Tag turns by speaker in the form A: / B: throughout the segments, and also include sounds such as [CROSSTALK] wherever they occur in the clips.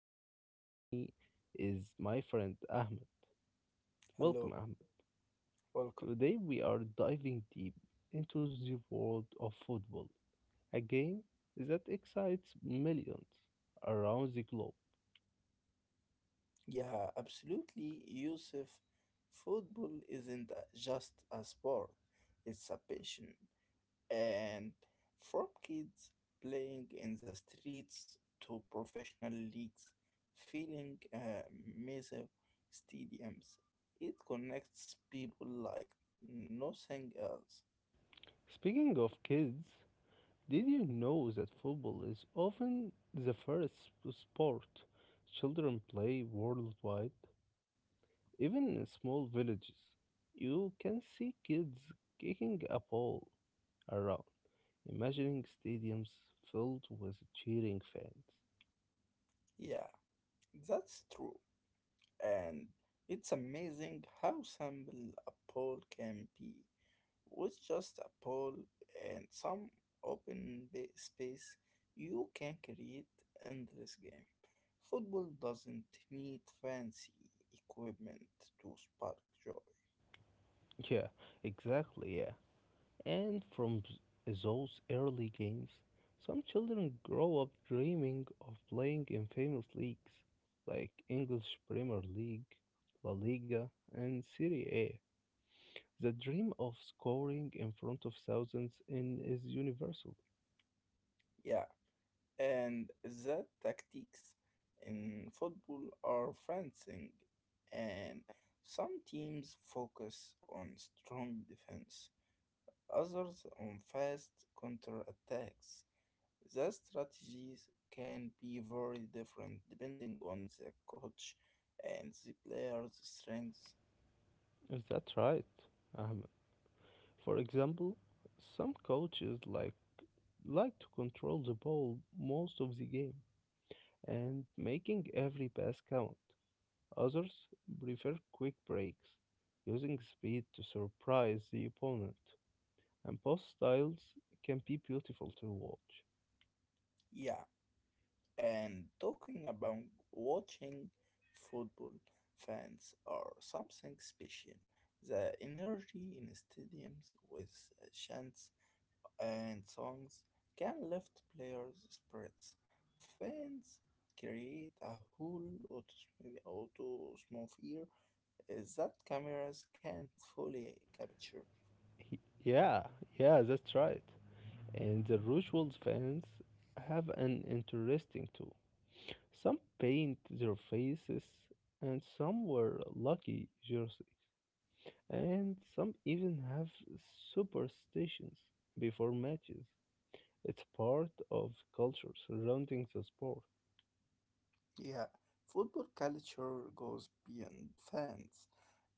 A: and with me is my friend Ahmed. Welcome
B: Hello,
A: Ahmed.
B: welcome.
A: Today we are diving deep into the world of football, a game that excites millions around the globe.
B: Yeah, absolutely, Yusuf. Football isn't just a sport, it's a passion. And from kids playing in the streets to professional leagues, filling massive stadiums, it connects people like nothing else.
A: Speaking of kids, did you know that football is often the first sport children play worldwide? Even in small villages, you can see kids kicking a ball around, imagining stadiums filled with cheering fans.
B: Yeah, that's true. And it's amazing how simple a ball can be with just a pole and some open space, you can create endless game. Football doesn't need fancy equipment to spark joy.
A: Yeah, exactly, yeah. And from those early games, some children grow up dreaming of playing in famous leagues like English Premier League, La Liga, and Serie A. The dream of scoring in front of thousands in is universal.
B: Yeah, and the tactics in football are fencing, and some teams focus on strong defense, others on fast counter attacks. The strategies can be very different depending on the coach and the player's strengths.
A: Is that right, Ahmed? For example, some coaches like to control the ball most of the game and making every pass count. Others prefer quick breaks, using speed to surprise the opponent. And both styles can be beautiful to watch.
B: Yeah, and talking about watching football, fans are something special. The energy in stadiums with chants and songs can lift players' spirits. Fans create a whole atmosphere is that cameras can't fully capture.
A: He- Yeah, yeah, that's right. And the Rochewell fans have an interesting too. Some paint their faces, and some wear lucky jersey, and some even have superstitions before matches. It's part of culture surrounding the sport,
B: Yeah, football culture goes beyond fans.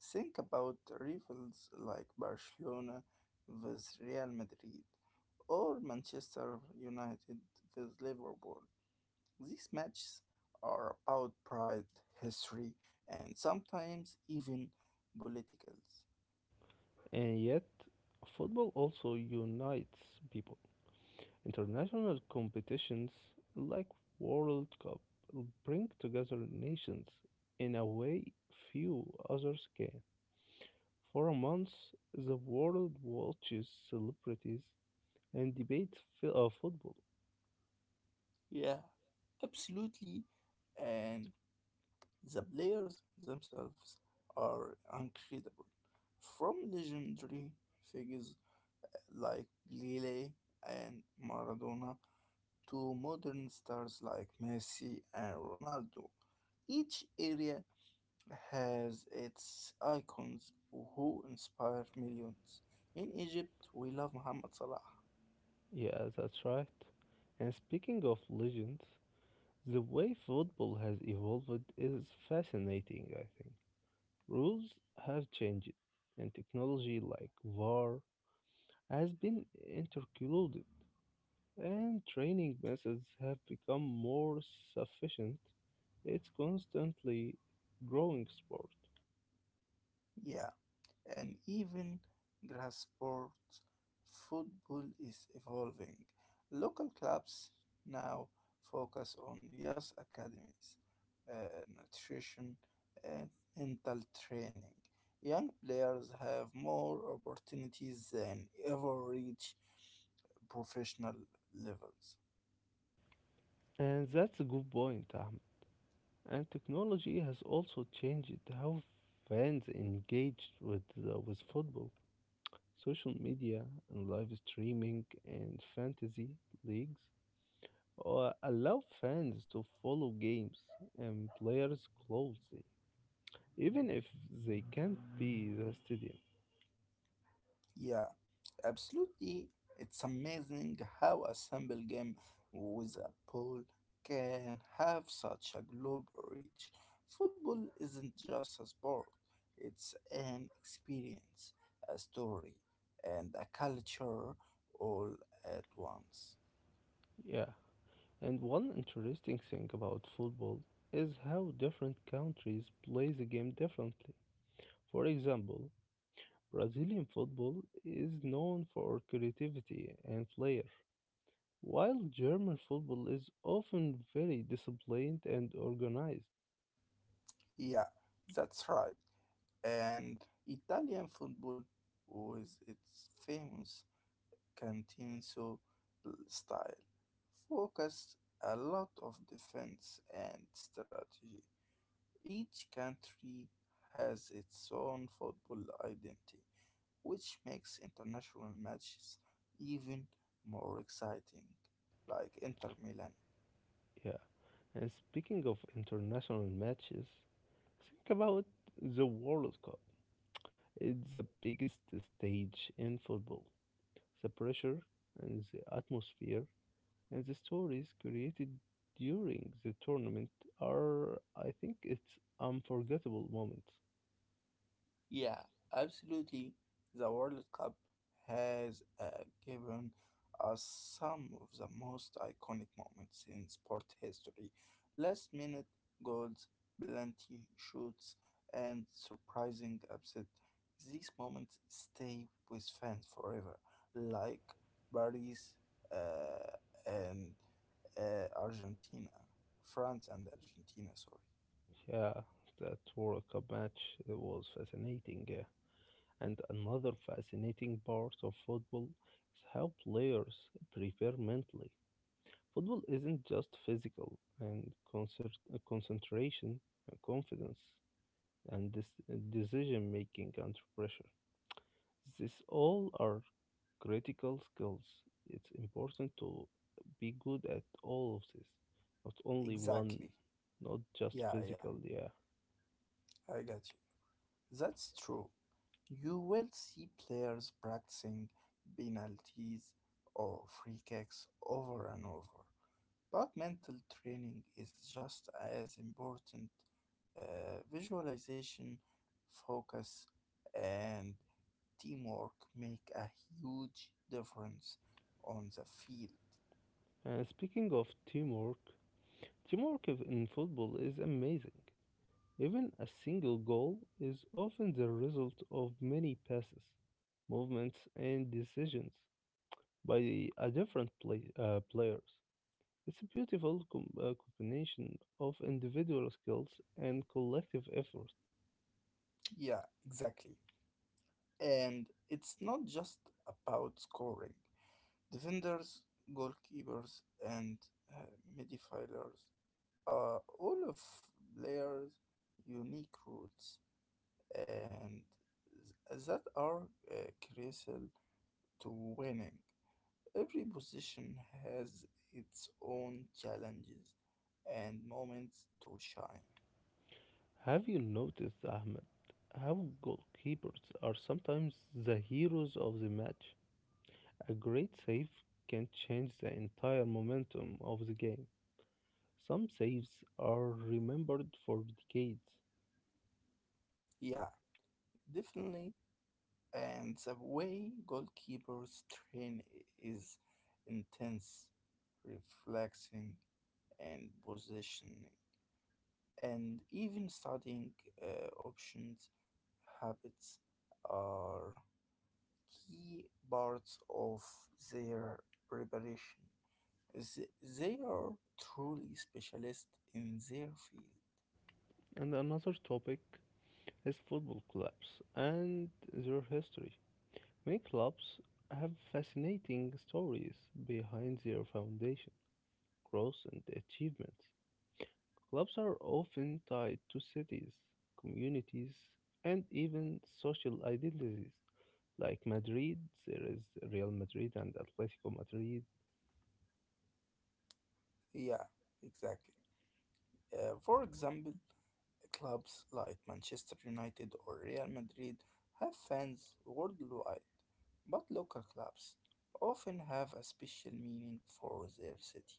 B: Think about rivals like Barcelona with Real Madrid or Manchester United with Liverpool. These matches are about pride, history, and sometimes even politicals.
A: and yet football also unites people. International competitions like World Cup bring together nations in a way few others can. For months, the world watches celebrities and debate football.
B: Yeah, absolutely. And the players themselves are incredible, from legendary figures like Pelé and Maradona to modern stars like Messi and Ronaldo. Each area has its icons who inspire millions. In Egypt, we love Mohamed Salah.
A: Yeah, that's right. And speaking of legends, the way football has evolved is fascinating, I think. Rules have changed, and technology like VAR has been intercluded, and training methods have become more sufficient. It's constantly growing sport.
B: Yeah, and even grass sports football is evolving. Local clubs now focus on youth academies, uh, nutrition, and mental training. Young players have more opportunities than ever reach professional levels.
A: And that's a good point, Ahmed. And technology has also changed how fans engage with football. Social media and live streaming and fantasy leagues allow fans to follow games and players closely, even if they can't be the stadium.
B: Yeah, absolutely. It's amazing how a simple game with a ball can have such a global reach. Football isn't just a sport, it's an experience, a story, and a culture all at once.
A: Yeah, and one interesting thing about football is how different countries play the game differently. For example, Brazilian football is known for creativity and flair, while German football is often very disciplined and organized.
B: Yeah, that's right. And Italian football with its famous Cantinso style focused a lot of defense and strategy. Each country has its own football identity, which makes international matches even more exciting, like Inter Milan.
A: Yeah, and speaking of international matches, think about the World Cup. It's the biggest stage in football. The pressure and the atmosphere and the stories created during the tournament are, I think, it's unforgettable moments.
B: Yeah, absolutely. The World Cup has given us some of the most iconic moments in sport history. Last minute goals, penalty shoots, and surprising upset. These moments stay with fans forever, like Paris and Argentina, France and Argentina, sorry.
A: Yeah, that World Cup match was fascinating. Yeah. And another fascinating part of football is how players prepare mentally. Football isn't just physical and concentration, confidence, and decision making under pressure. These all are critical skills. It's important to be good at all of this, not only one,
B: Exactly.
A: not just
B: Yeah, yeah,
A: physical. Yeah.
B: I got you. That's true. You will see players practicing penalties or free kicks over and over. But mental training is just as important. Visualization, focus, and teamwork make a huge difference on the field.
A: Speaking of teamwork, teamwork in football is amazing. Even a single goal is often the result of many passes, movements, and decisions by a different players. It's a beautiful combination of individual skills and collective effort.
B: Yeah, exactly. And it's not just about scoring. Defenders, goalkeepers, and uh, midfielders all of players unique rules and that are uh, crucial to winning. Every position has its own challenges and moments to shine.
A: Have you noticed, Ahmed, how goalkeepers are sometimes the heroes of the match? A great save can change the entire momentum of the game. Some saves are remembered for decades.
B: Yeah, definitely. And the way goalkeepers train is intense, reflexing, and positioning, and even studying options habits are key parts of their preparation. They are truly specialists in their field.
A: And another topic is football clubs and their history. Many clubs have fascinating stories behind their foundation, growth, and achievements. Clubs are often tied to cities, communities, and even social identities. Like Madrid, there is Real Madrid and Atletico Madrid.
B: Yeah, exactly. For example, clubs like Manchester United or Real Madrid have fans worldwide, but local clubs often have a special meaning for their city,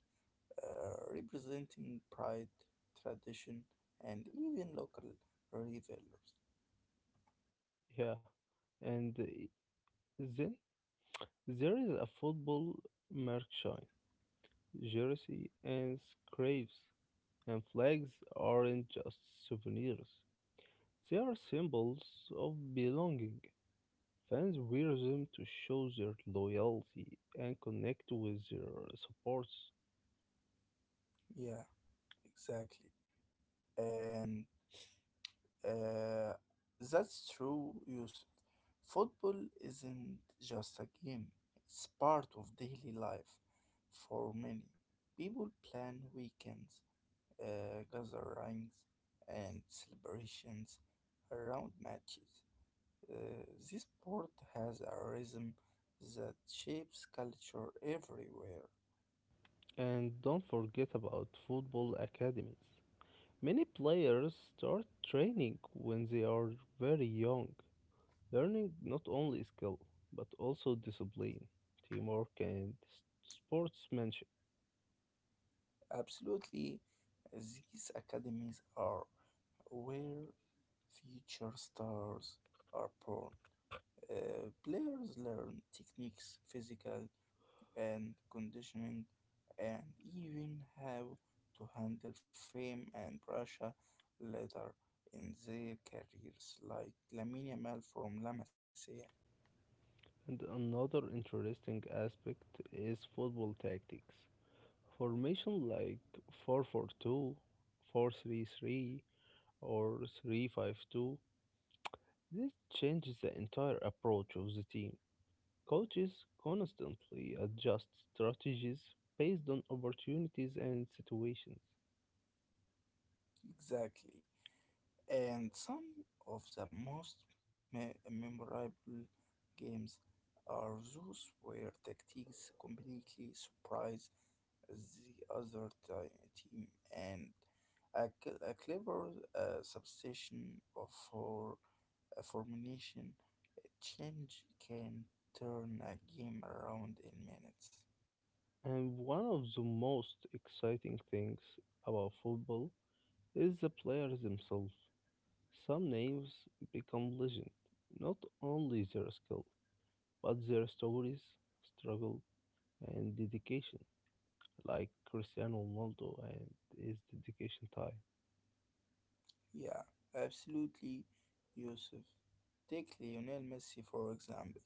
B: representing pride, tradition, and even local rivalries.
A: Yeah, and then there is a football merchant jersey and scrapes and flags aren't just souvenirs. They are symbols of belonging. Fans wear them to show their loyalty and connect with their supports.
B: Yeah, exactly. And uh, that's true, Yusuf. Football isn't just a game, it's part of daily life for many. People plan weekends, gatherings, and celebrations around matches. Uh, this sport has a rhythm that shapes culture everywhere.
A: And don't forget about football academies. Many players start training when they are very young, learning not only skill but also discipline, teamwork, and sportsmanship.
B: Absolutely, these academies are where future stars are born. Players learn techniques, physical and conditioning, and even how to handle fame and pressure later in their careers, like Lamine Yamal from La Masia.
A: And another interesting aspect is football tactics. Formation like 4-4-2, 4-3-3, or 3-5-2. This changes the entire approach of the team. Coaches constantly adjust strategies based on opportunities and situations.
B: Exactly. And some of the most memorable games are those where tactics completely surprise the other team, and a clever substitution of for a formation change can turn a game around in minutes.
A: And one of the most exciting things about football is the players themselves. Some names become legend, not only their skill, but their stories, struggle, and dedication, like Cristiano Ronaldo and his dedication time.
B: Yeah, absolutely, Yusuf. Take Lionel Messi for example.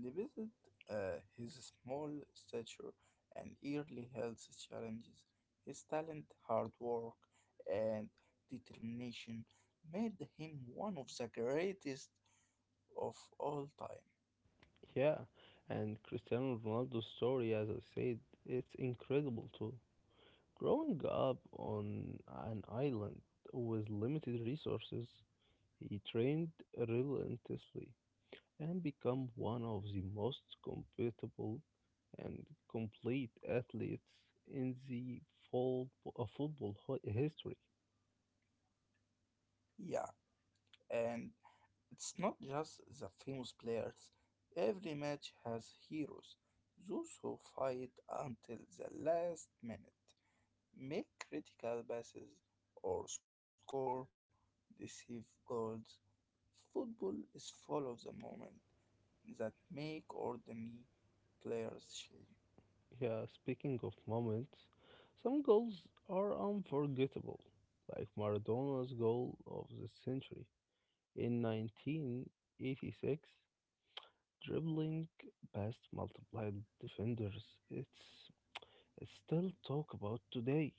B: Despite his small stature and early health challenges, his talent, hard work, and determination made him one of the greatest of all time.
A: Yeah, and Cristiano Ronaldo's story, as I said, it's incredible too. Growing up on an island with limited resources, he trained relentlessly and became one of the most compatible and complete athletes in the full, football history.
B: Yeah, and it's not just the famous players. Every match has heroes, those who fight until the last minute make critical passes, or score deceive goals. Football is full of the moment that make ordinary players shine.
A: Yeah, speaking of moments, some goals are unforgettable, like Maradona's goal of the century in 1986 dribbling past multiplied defenders. It's it's still talk about today.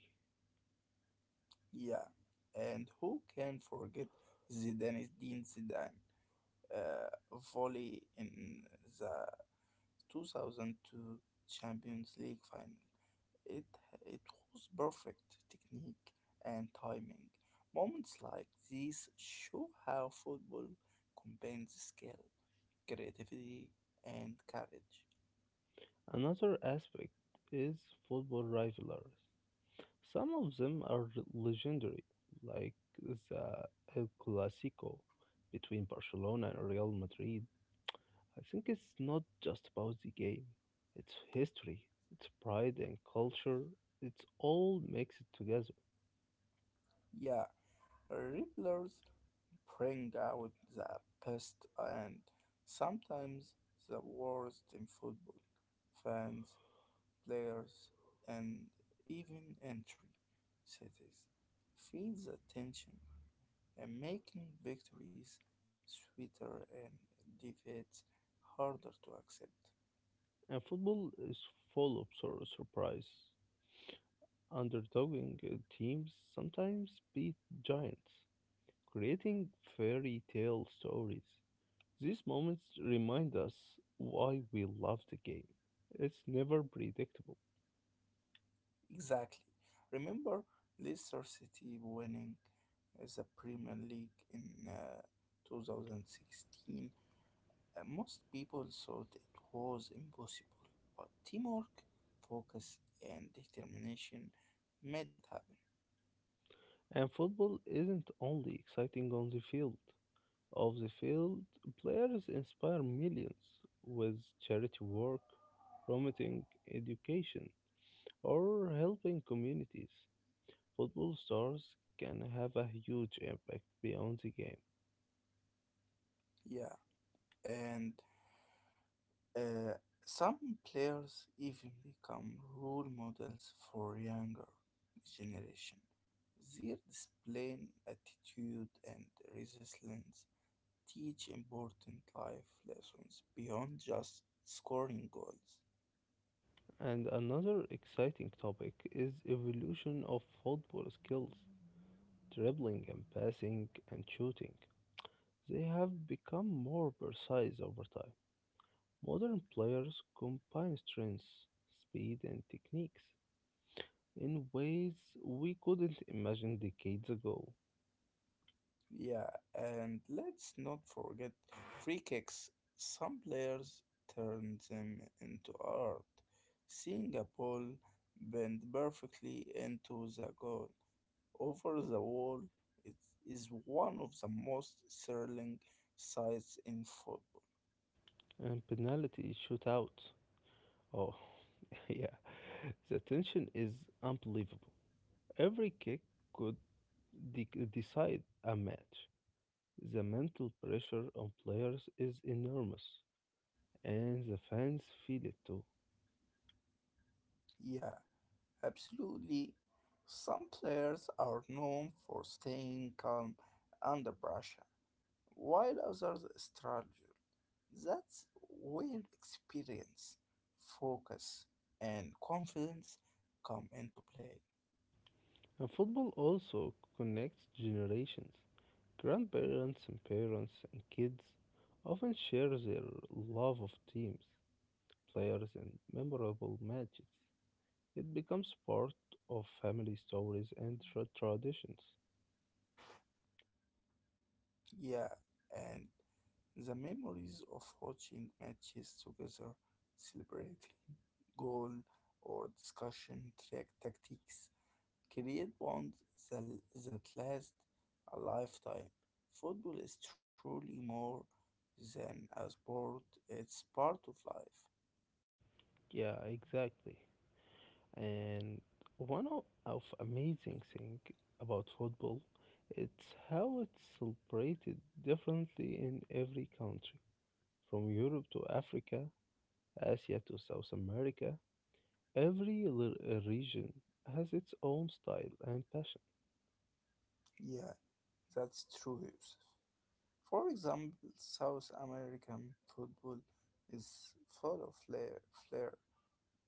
B: Yeah, and who can forget Zidane volley in the 2002 Champions League final? It, it was perfect technique and timing. Moments like these show how football combines skill, creativity, and courage.
A: Another aspect is football rivalries. Some of them are legendary, like the El Clasico between Barcelona and Real Madrid. I think it's not just about the game, it's history, it's pride and culture, it's all mixed together.
B: Yeah, revelers bring out the best and sometimes the worst in football. Fans, players, and even entry cities feel the tension and making victories sweeter and defeats harder to accept.
A: And football is full of surprise. Underdogging teams sometimes beat giants, creating fairy tale stories. These moments remind us why we love the game. It's never predictable.
B: Exactly. Remember Leicester City winning the Premier League in 2016? Most people thought it was impossible, but teamwork, focus, and determination made it happen.
A: And football isn't only exciting on the field. Off the field, players inspire millions with charity work, promoting education, or helping communities. Football stars can have a huge impact beyond the game.
B: Yeah, and Uh, some players even become role models for younger generation. Their display, attitude, and resilience teach important life lessons beyond just scoring goals.
A: And another exciting topic is evolution of football skills, dribbling and passing and shooting. They have become more precise over time. Modern players combine strengths, speed and techniques in ways we couldn't imagine decades ago.
B: Yeah, and let's not forget free kicks. Some players turn them into art, seeing a ball bend perfectly into the goal over the wall. It is one of the most thrilling sights in football.
A: And penalty shootouts. Oh, [LAUGHS] yeah, the tension is unbelievable. Every kick could decide a match. The mental pressure on players is enormous, and the fans feel it too.
B: Yeah, absolutely. Some players are known for staying calm under pressure, while others struggle. That's where experience, focus, and confidence come into play.
A: And football also connects generations. Grandparents and parents and kids often share their love of teams, players, and memorable matches. It becomes part of family stories and traditions.
B: Yeah, and the memories of watching matches together, celebrating [LAUGHS] goal or discussion track tactics create bonds that, that last a lifetime. Football is truly more than a sport, it's part of life.
A: Yeah, exactly. And one of amazing thing about football, it's how it's celebrated differently in every country, from Europe to Africa, Asia to South America. Every region has its own style and passion.
B: Yeah, that's true, Yusuf. For example, South American football is full of flair, flair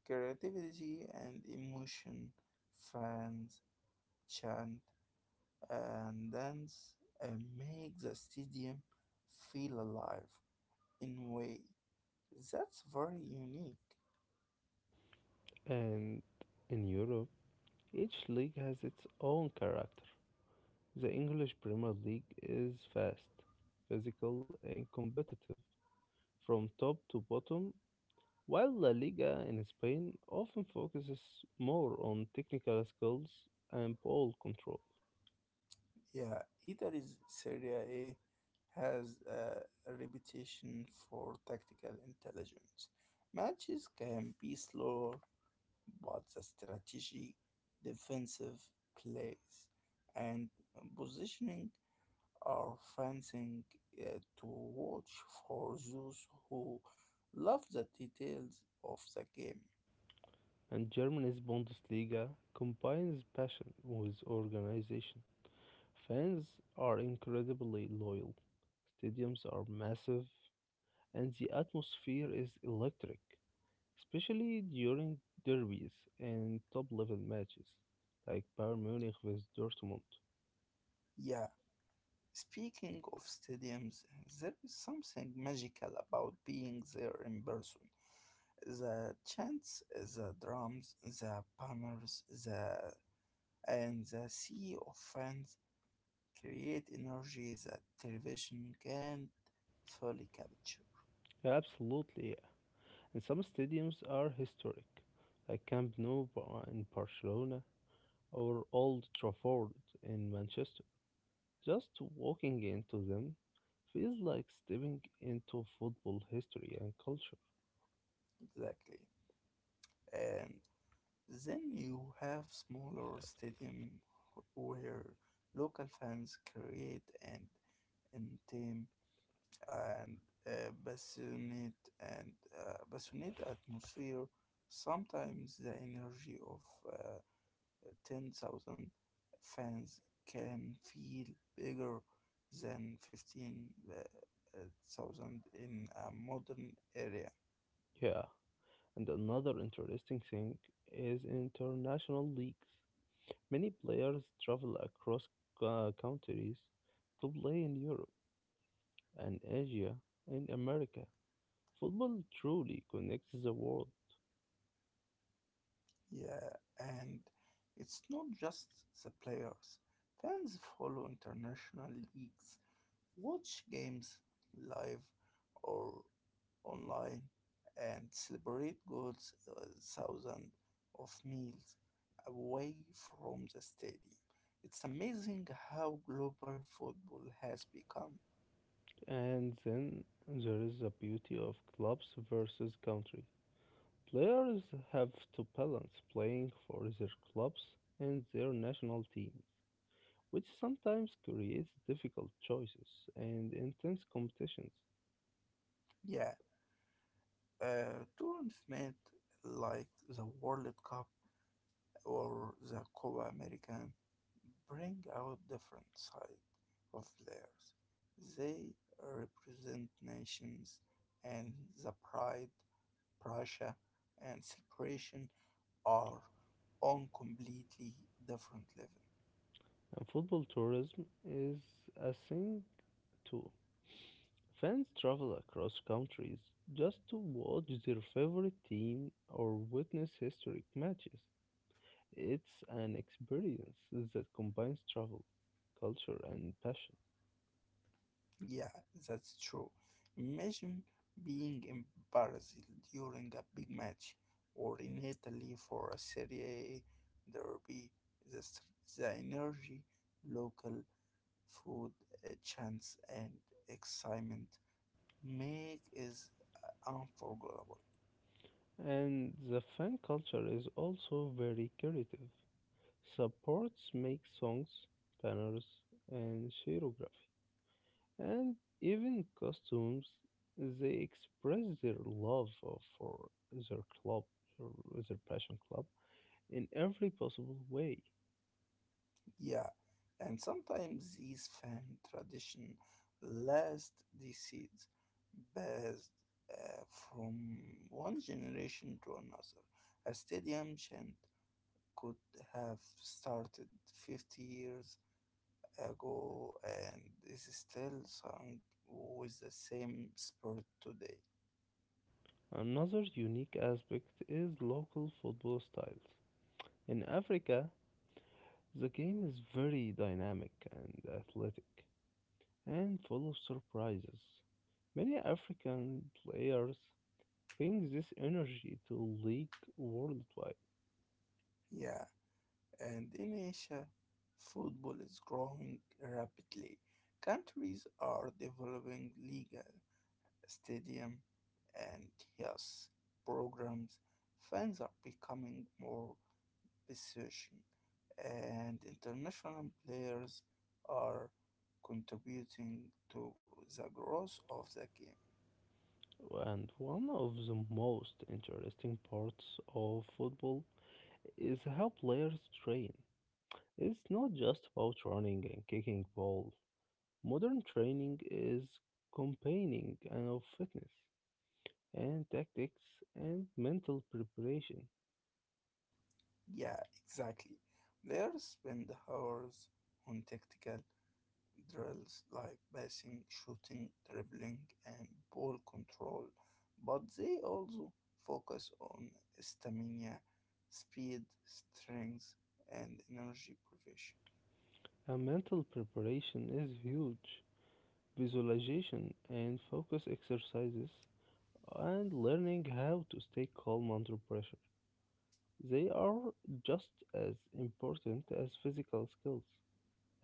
B: creativity, and emotion. Fans chant, and dance and make the stadium feel alive in a way that's very unique.
A: And in Europe, each league has its own character. The English Premier League is fast, physical, and competitive from top to bottom, while La Liga in Spain often focuses more on technical skills and ball control,
B: Yeah, either is Serie A has a reputation for tactical intelligence. Matches can be slower, but the strategy, defensive plays, and positioning are fancying to watch for those who love the details of the game.
A: and Germany's Bundesliga combines passion with organization. Fans are incredibly loyal, stadiums are massive, and the atmosphere is electric, especially during derbies and top level matches like Bayern Munich with Dortmund.
B: Yeah, speaking of stadiums, there is something magical about being there in person. The chants, the drums, the banners, the and the sea of fans create energy that television can't fully capture.
A: Yeah, absolutely. And some stadiums are historic, like Camp Nou in Barcelona or Old Trafford in Manchester. Just walking into them feels like stepping into football history and culture.
B: Exactly. And then you have smaller stadium where local fans create and intimate and passionate atmosphere. Sometimes the energy of uh, 10,000 fans can feel bigger than fifteen thousand in a modern area.
A: Yeah, and another interesting thing is international leagues. Many players travel across countries to play in Europe and Asia and America. Football truly connects the world.
B: Yeah, and it's not just the players. Fans follow international leagues, watch games live or online, and celebrate goals thousands of meals away from the stadium. It's amazing how global football has become.
A: And then there is the beauty of clubs versus country. Players have to balance playing for their clubs and their national teams, which sometimes creates difficult choices and intense competitions.
B: Yeah, tournament like the World Cup or the Copa American bring out different side of players. They represent nations and the pride, pressure, and celebration are on completely different level.
A: And football tourism is a thing too. Fans travel across countries just to watch their favorite team or witness historic matches. It's an experience that combines travel, culture, and passion.
B: Yeah, that's true. Imagine being in Brazil during a big match or in Italy for a Serie A derby. The, s- the energy, local food, chance, and excitement make is unforgettable.
A: And the fan culture is also very creative. Supports make songs, banners, and choreography, and even costumes. They express their love for their club, or their passion club, in every possible way.
B: Yeah, and sometimes these fan tradition last decades, passed uh, from one generation to another. A stadium chant could have started 50 years ago and is still sung with the same spirit today.
A: Another unique aspect is local football styles. In Africa, the game is very dynamic and athletic, and full of surprises. Many African players bring this energy to League worldwide.
B: Yeah, and in Asia, football is growing rapidly. Countries are developing legal stadium and yes programs. Fans are becoming more passionate, and international players are contributing to the growth of the game.
A: And one of the most interesting parts of football is how players train. It's not just about running and kicking ball. Modern training is campaigning and of fitness and tactics and mental preparation.
B: Yeah, exactly. Players spend hours on tactical drills like passing, shooting, dribbling, and ball control, but they also focus on stamina, speed, strength, and energy provision.
A: A mental preparation is huge. Visualization and focus exercises and learning how to stay calm under pressure. They are just as important as physical skills.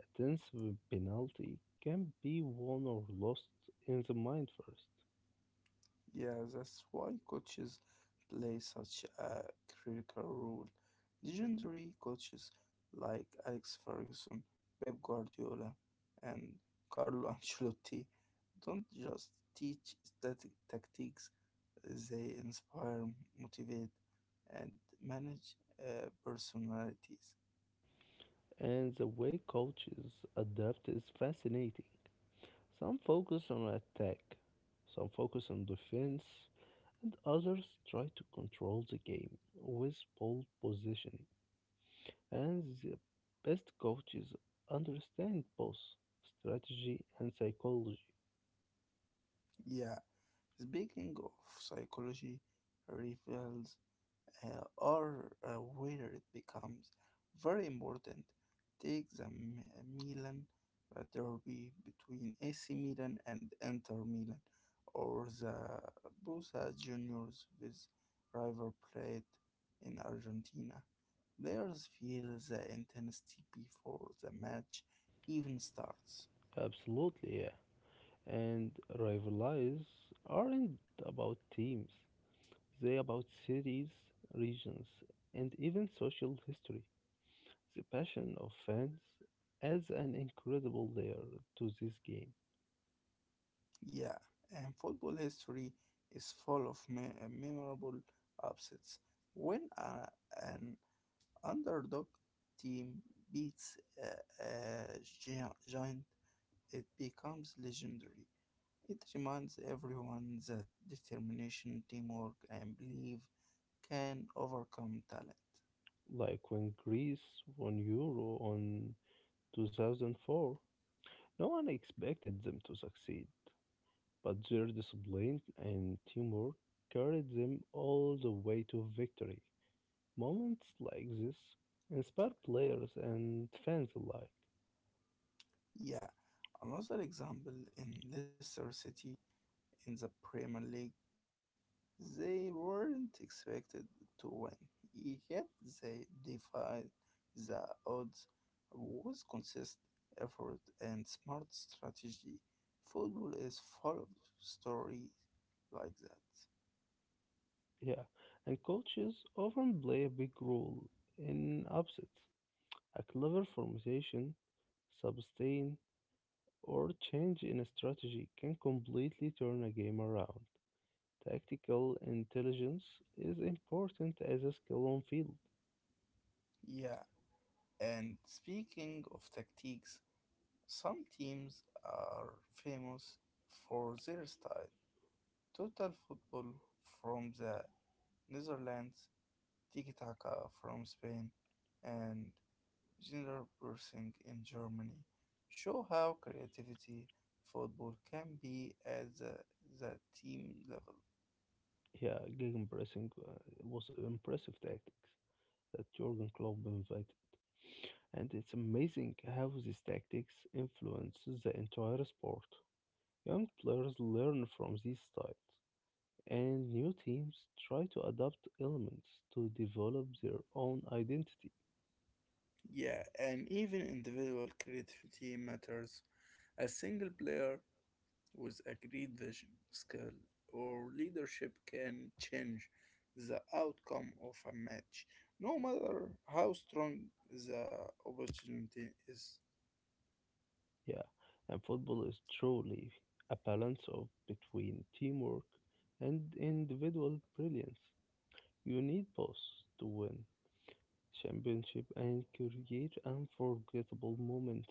A: A tense penalty can be won or lost in the mind first.
B: Yeah, that's why coaches play such a critical role. Legendary coaches like Alex Ferguson, Pep Guardiola, and Carlo [LAUGHS] Ancelotti don't just teach static tactics, they inspire, motivate, and manage personalities.
A: And the way coaches adapt is fascinating. Some focus on attack, some focus on defense, and others try to control the game with pole positioning. And the best coaches understand both strategy and psychology.
B: Yeah, speaking of psychology, reveals are where it becomes very important. Take the Milan derby between AC Milan and Inter Milan, or the Boca Juniors with River Plate in Argentina. Players feel the intensity before the match even starts.
A: Absolutely, yeah. And rivalries aren't about teams, they about cities, regions, and even social history. The passion of fans adds an incredible layer to this game.
B: Yeah, and football history is full of memorable upsets. When an underdog team beats a giant, it becomes legendary. It reminds everyone that determination, teamwork, and belief can overcome talent.
A: Like when Greece won Euro on 2004, no one expected them to succeed, but their discipline and teamwork carried them all the way to victory. Moments like this inspire players and fans alike.
B: Yeah, another example in Leicester City in the Premier League. They weren't expected to win, yet they defied the odds with consistent effort and smart strategy. Football is full of stories like that.
A: Yeah, and coaches often play a big role in upsets. A clever formation, sustain, or change in a strategy can completely turn a game around. Tactical intelligence is important as a skill on field.
B: Yeah, and speaking of tactics, some teams are famous for their style. Total football from the Netherlands, tiki taka from Spain, and Gender Bursing in Germany show how creativity football can be at the team level.
A: Yeah, gig impressing was impressive tactics that Jurgen Klopp invited, and it's amazing how these tactics influence the entire sport. Young players learn from these styles, and new teams try to adopt elements to develop their own identity.
B: Yeah, and even individual creativity matters. A single player with a great vision, skill, or leadership can change the outcome of a match, no matter how strong the opportunity is.
A: Yeah, and football is truly a balance of between teamwork and individual brilliance. You need both to win championship and create unforgettable moments.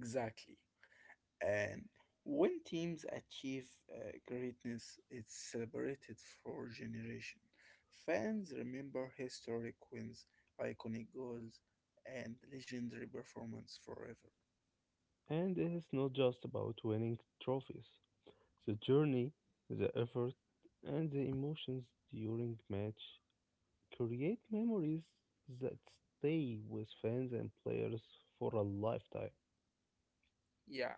B: Exactly. And when teams achieve greatness, it's celebrated for generations. Fans remember historic wins, iconic goals, and legendary performance forever.
A: And it's not just about winning trophies. The journey, the effort, and the emotions during match create memories that stay with fans and players for a lifetime.
B: Yeah,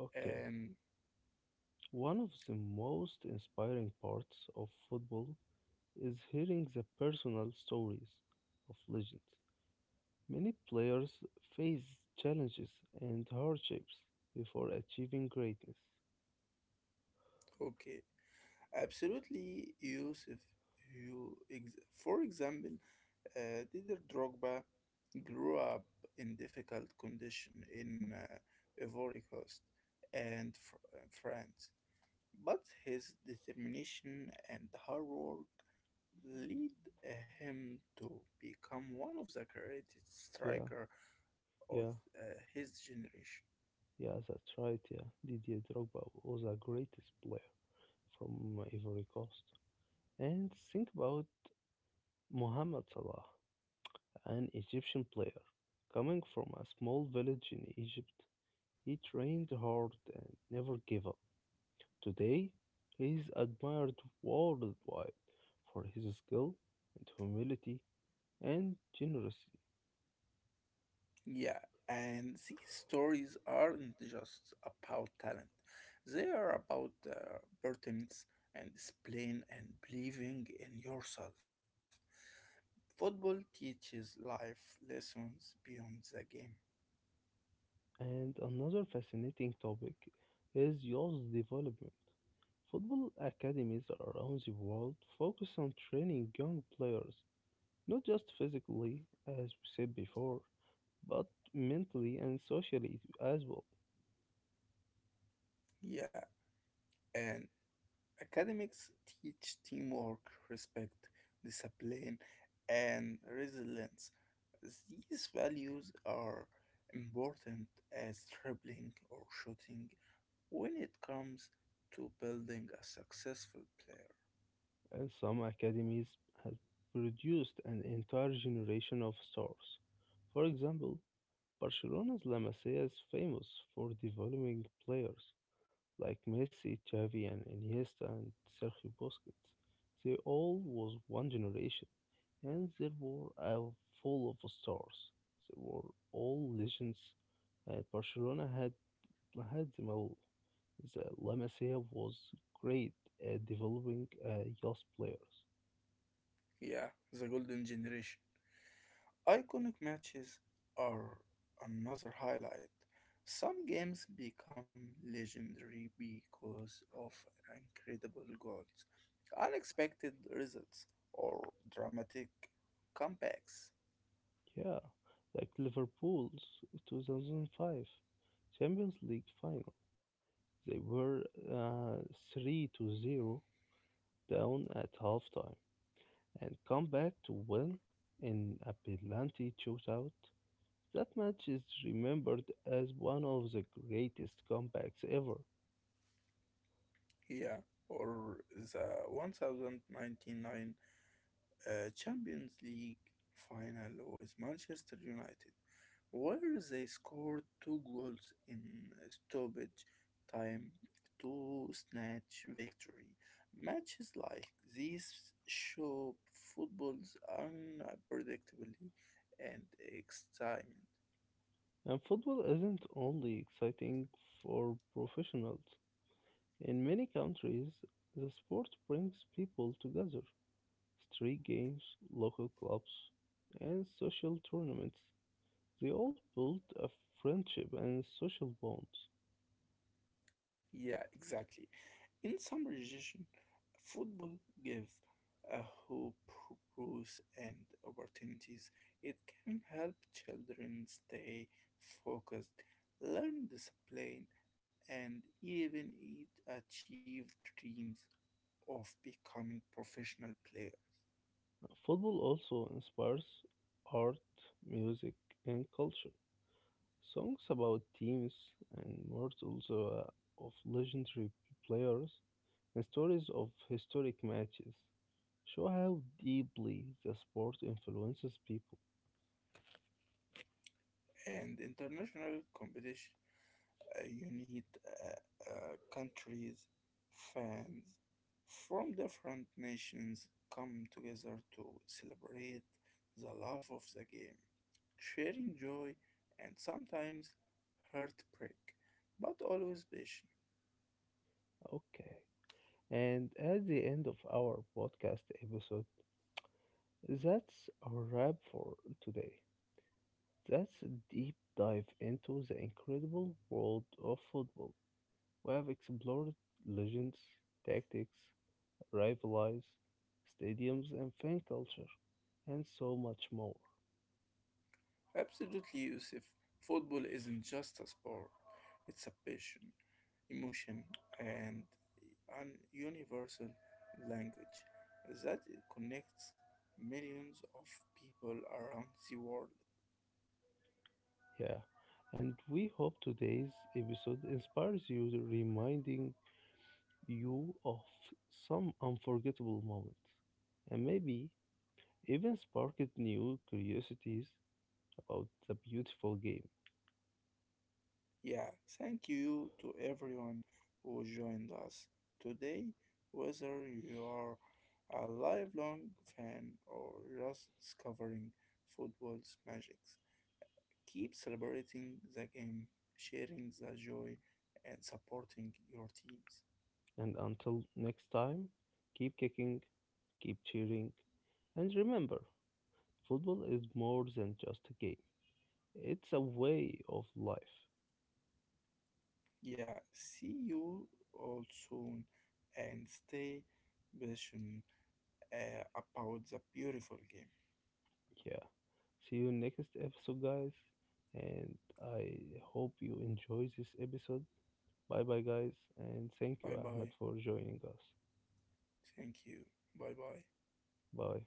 A: Okay.
B: um,
A: One of the most inspiring parts of football is hearing the personal stories of legends. Many players face challenges and hardships before achieving greatness.
B: okay, absolutely, Yusuf. For example, Didier Drogba grew up in difficult condition in Ivory Coast and France. But his determination and hard work lead him to become one of the greatest
A: Yeah,
B: striker of
A: yeah,
B: his generation.
A: yeah, that's right. Yeah, Didier Drogba was a greatest player from Ivory Coast. And think about Mohamed Salah, an Egyptian player. Coming from a small village in Egypt, he trained hard and never gave up. Today, he is admired worldwide for his skill and humility and generous.
B: Yeah, and these stories aren't just about talent, they are about pertinence and discipline and believing in yourself. Football teaches life lessons beyond the game.
A: And another fascinating topic is youth development. Football academies around the world focus on training young players, not just physically, as we said before, but mentally and socially as well.
B: Yeah, and Academics teach teamwork, respect, discipline, and resilience. These values are important as dribbling or shooting when it comes to building a successful player.
A: And some academies have produced an entire generation of stars. For example, Barcelona's La Masia is famous for developing players like Messi, Xavi, and Iniesta, and Sergio Busquets. They all was one generation, and they were all full of stars. They were all legends. And Barcelona had had them all. The La Masia was great at developing youth players.
B: Yeah, the golden generation. Iconic matches are another highlight. Some games become legendary because of incredible goals, unexpected results, or dramatic comebacks.
A: Yeah, like Liverpool's 2005 Champions League final. They were uh, 3-0 down at halftime, and come back to win in a penalty shootout. That match is remembered as one of the greatest comebacks ever.
B: Yeah, or the 1099 Champions League final with Manchester United, where they scored two goals in stoppage time to snatch victory. Matches like these show football's unpredictability and excitement.
A: And football isn't only exciting for professionals. In many countries, the sport brings people together. Street games, local clubs, and social tournaments. They all build a friendship and social bonds.
B: Yeah, exactly. In some regions, football gives a hope, rules, and opportunities. It can help children stay focused, learn discipline, and even eat, achieve dreams of becoming professional players.
A: Football also inspires art, music, and culture. Songs about teams and mortals of legendary players and stories of historic matches show how deeply the sport influences people.
B: And international competition you need countries, fans from different nations come together to celebrate the love of the game, sharing joy and sometimes heartbreak, but always passion.
A: Okay. And at the end of our podcast episode, that's our wrap for today. That's a deep dive into the incredible world of football. We have explored legends, tactics, rivalries, stadiums and fan culture, and so much more.
B: Absolutely, Yusuf. Football isn't just a sport, it's a passion, emotion, and an universal language that connects millions of people around the world.
A: Yeah, and we hope today's episode inspires you, to reminding you of some unforgettable moments, and maybe even sparked new curiosities about the beautiful game.
B: Yeah, thank you to everyone who joined us today, whether you are a lifelong fan or just discovering football's magic. Keep celebrating the game, sharing the joy, and supporting your teams.
A: And until next time, keep kicking, keep cheering, and remember, football is more than just a game. It's a way of life.
B: Yeah, see you all soon and stay patient about the beautiful game.
A: Yeah. See you next episode, guys. And I hope you enjoy this episode. Bye bye, guys. And thank you,
B: Bye
A: Ahmed,
B: bye.
A: for joining us.
B: Thank you. Bye bye.
A: Bye.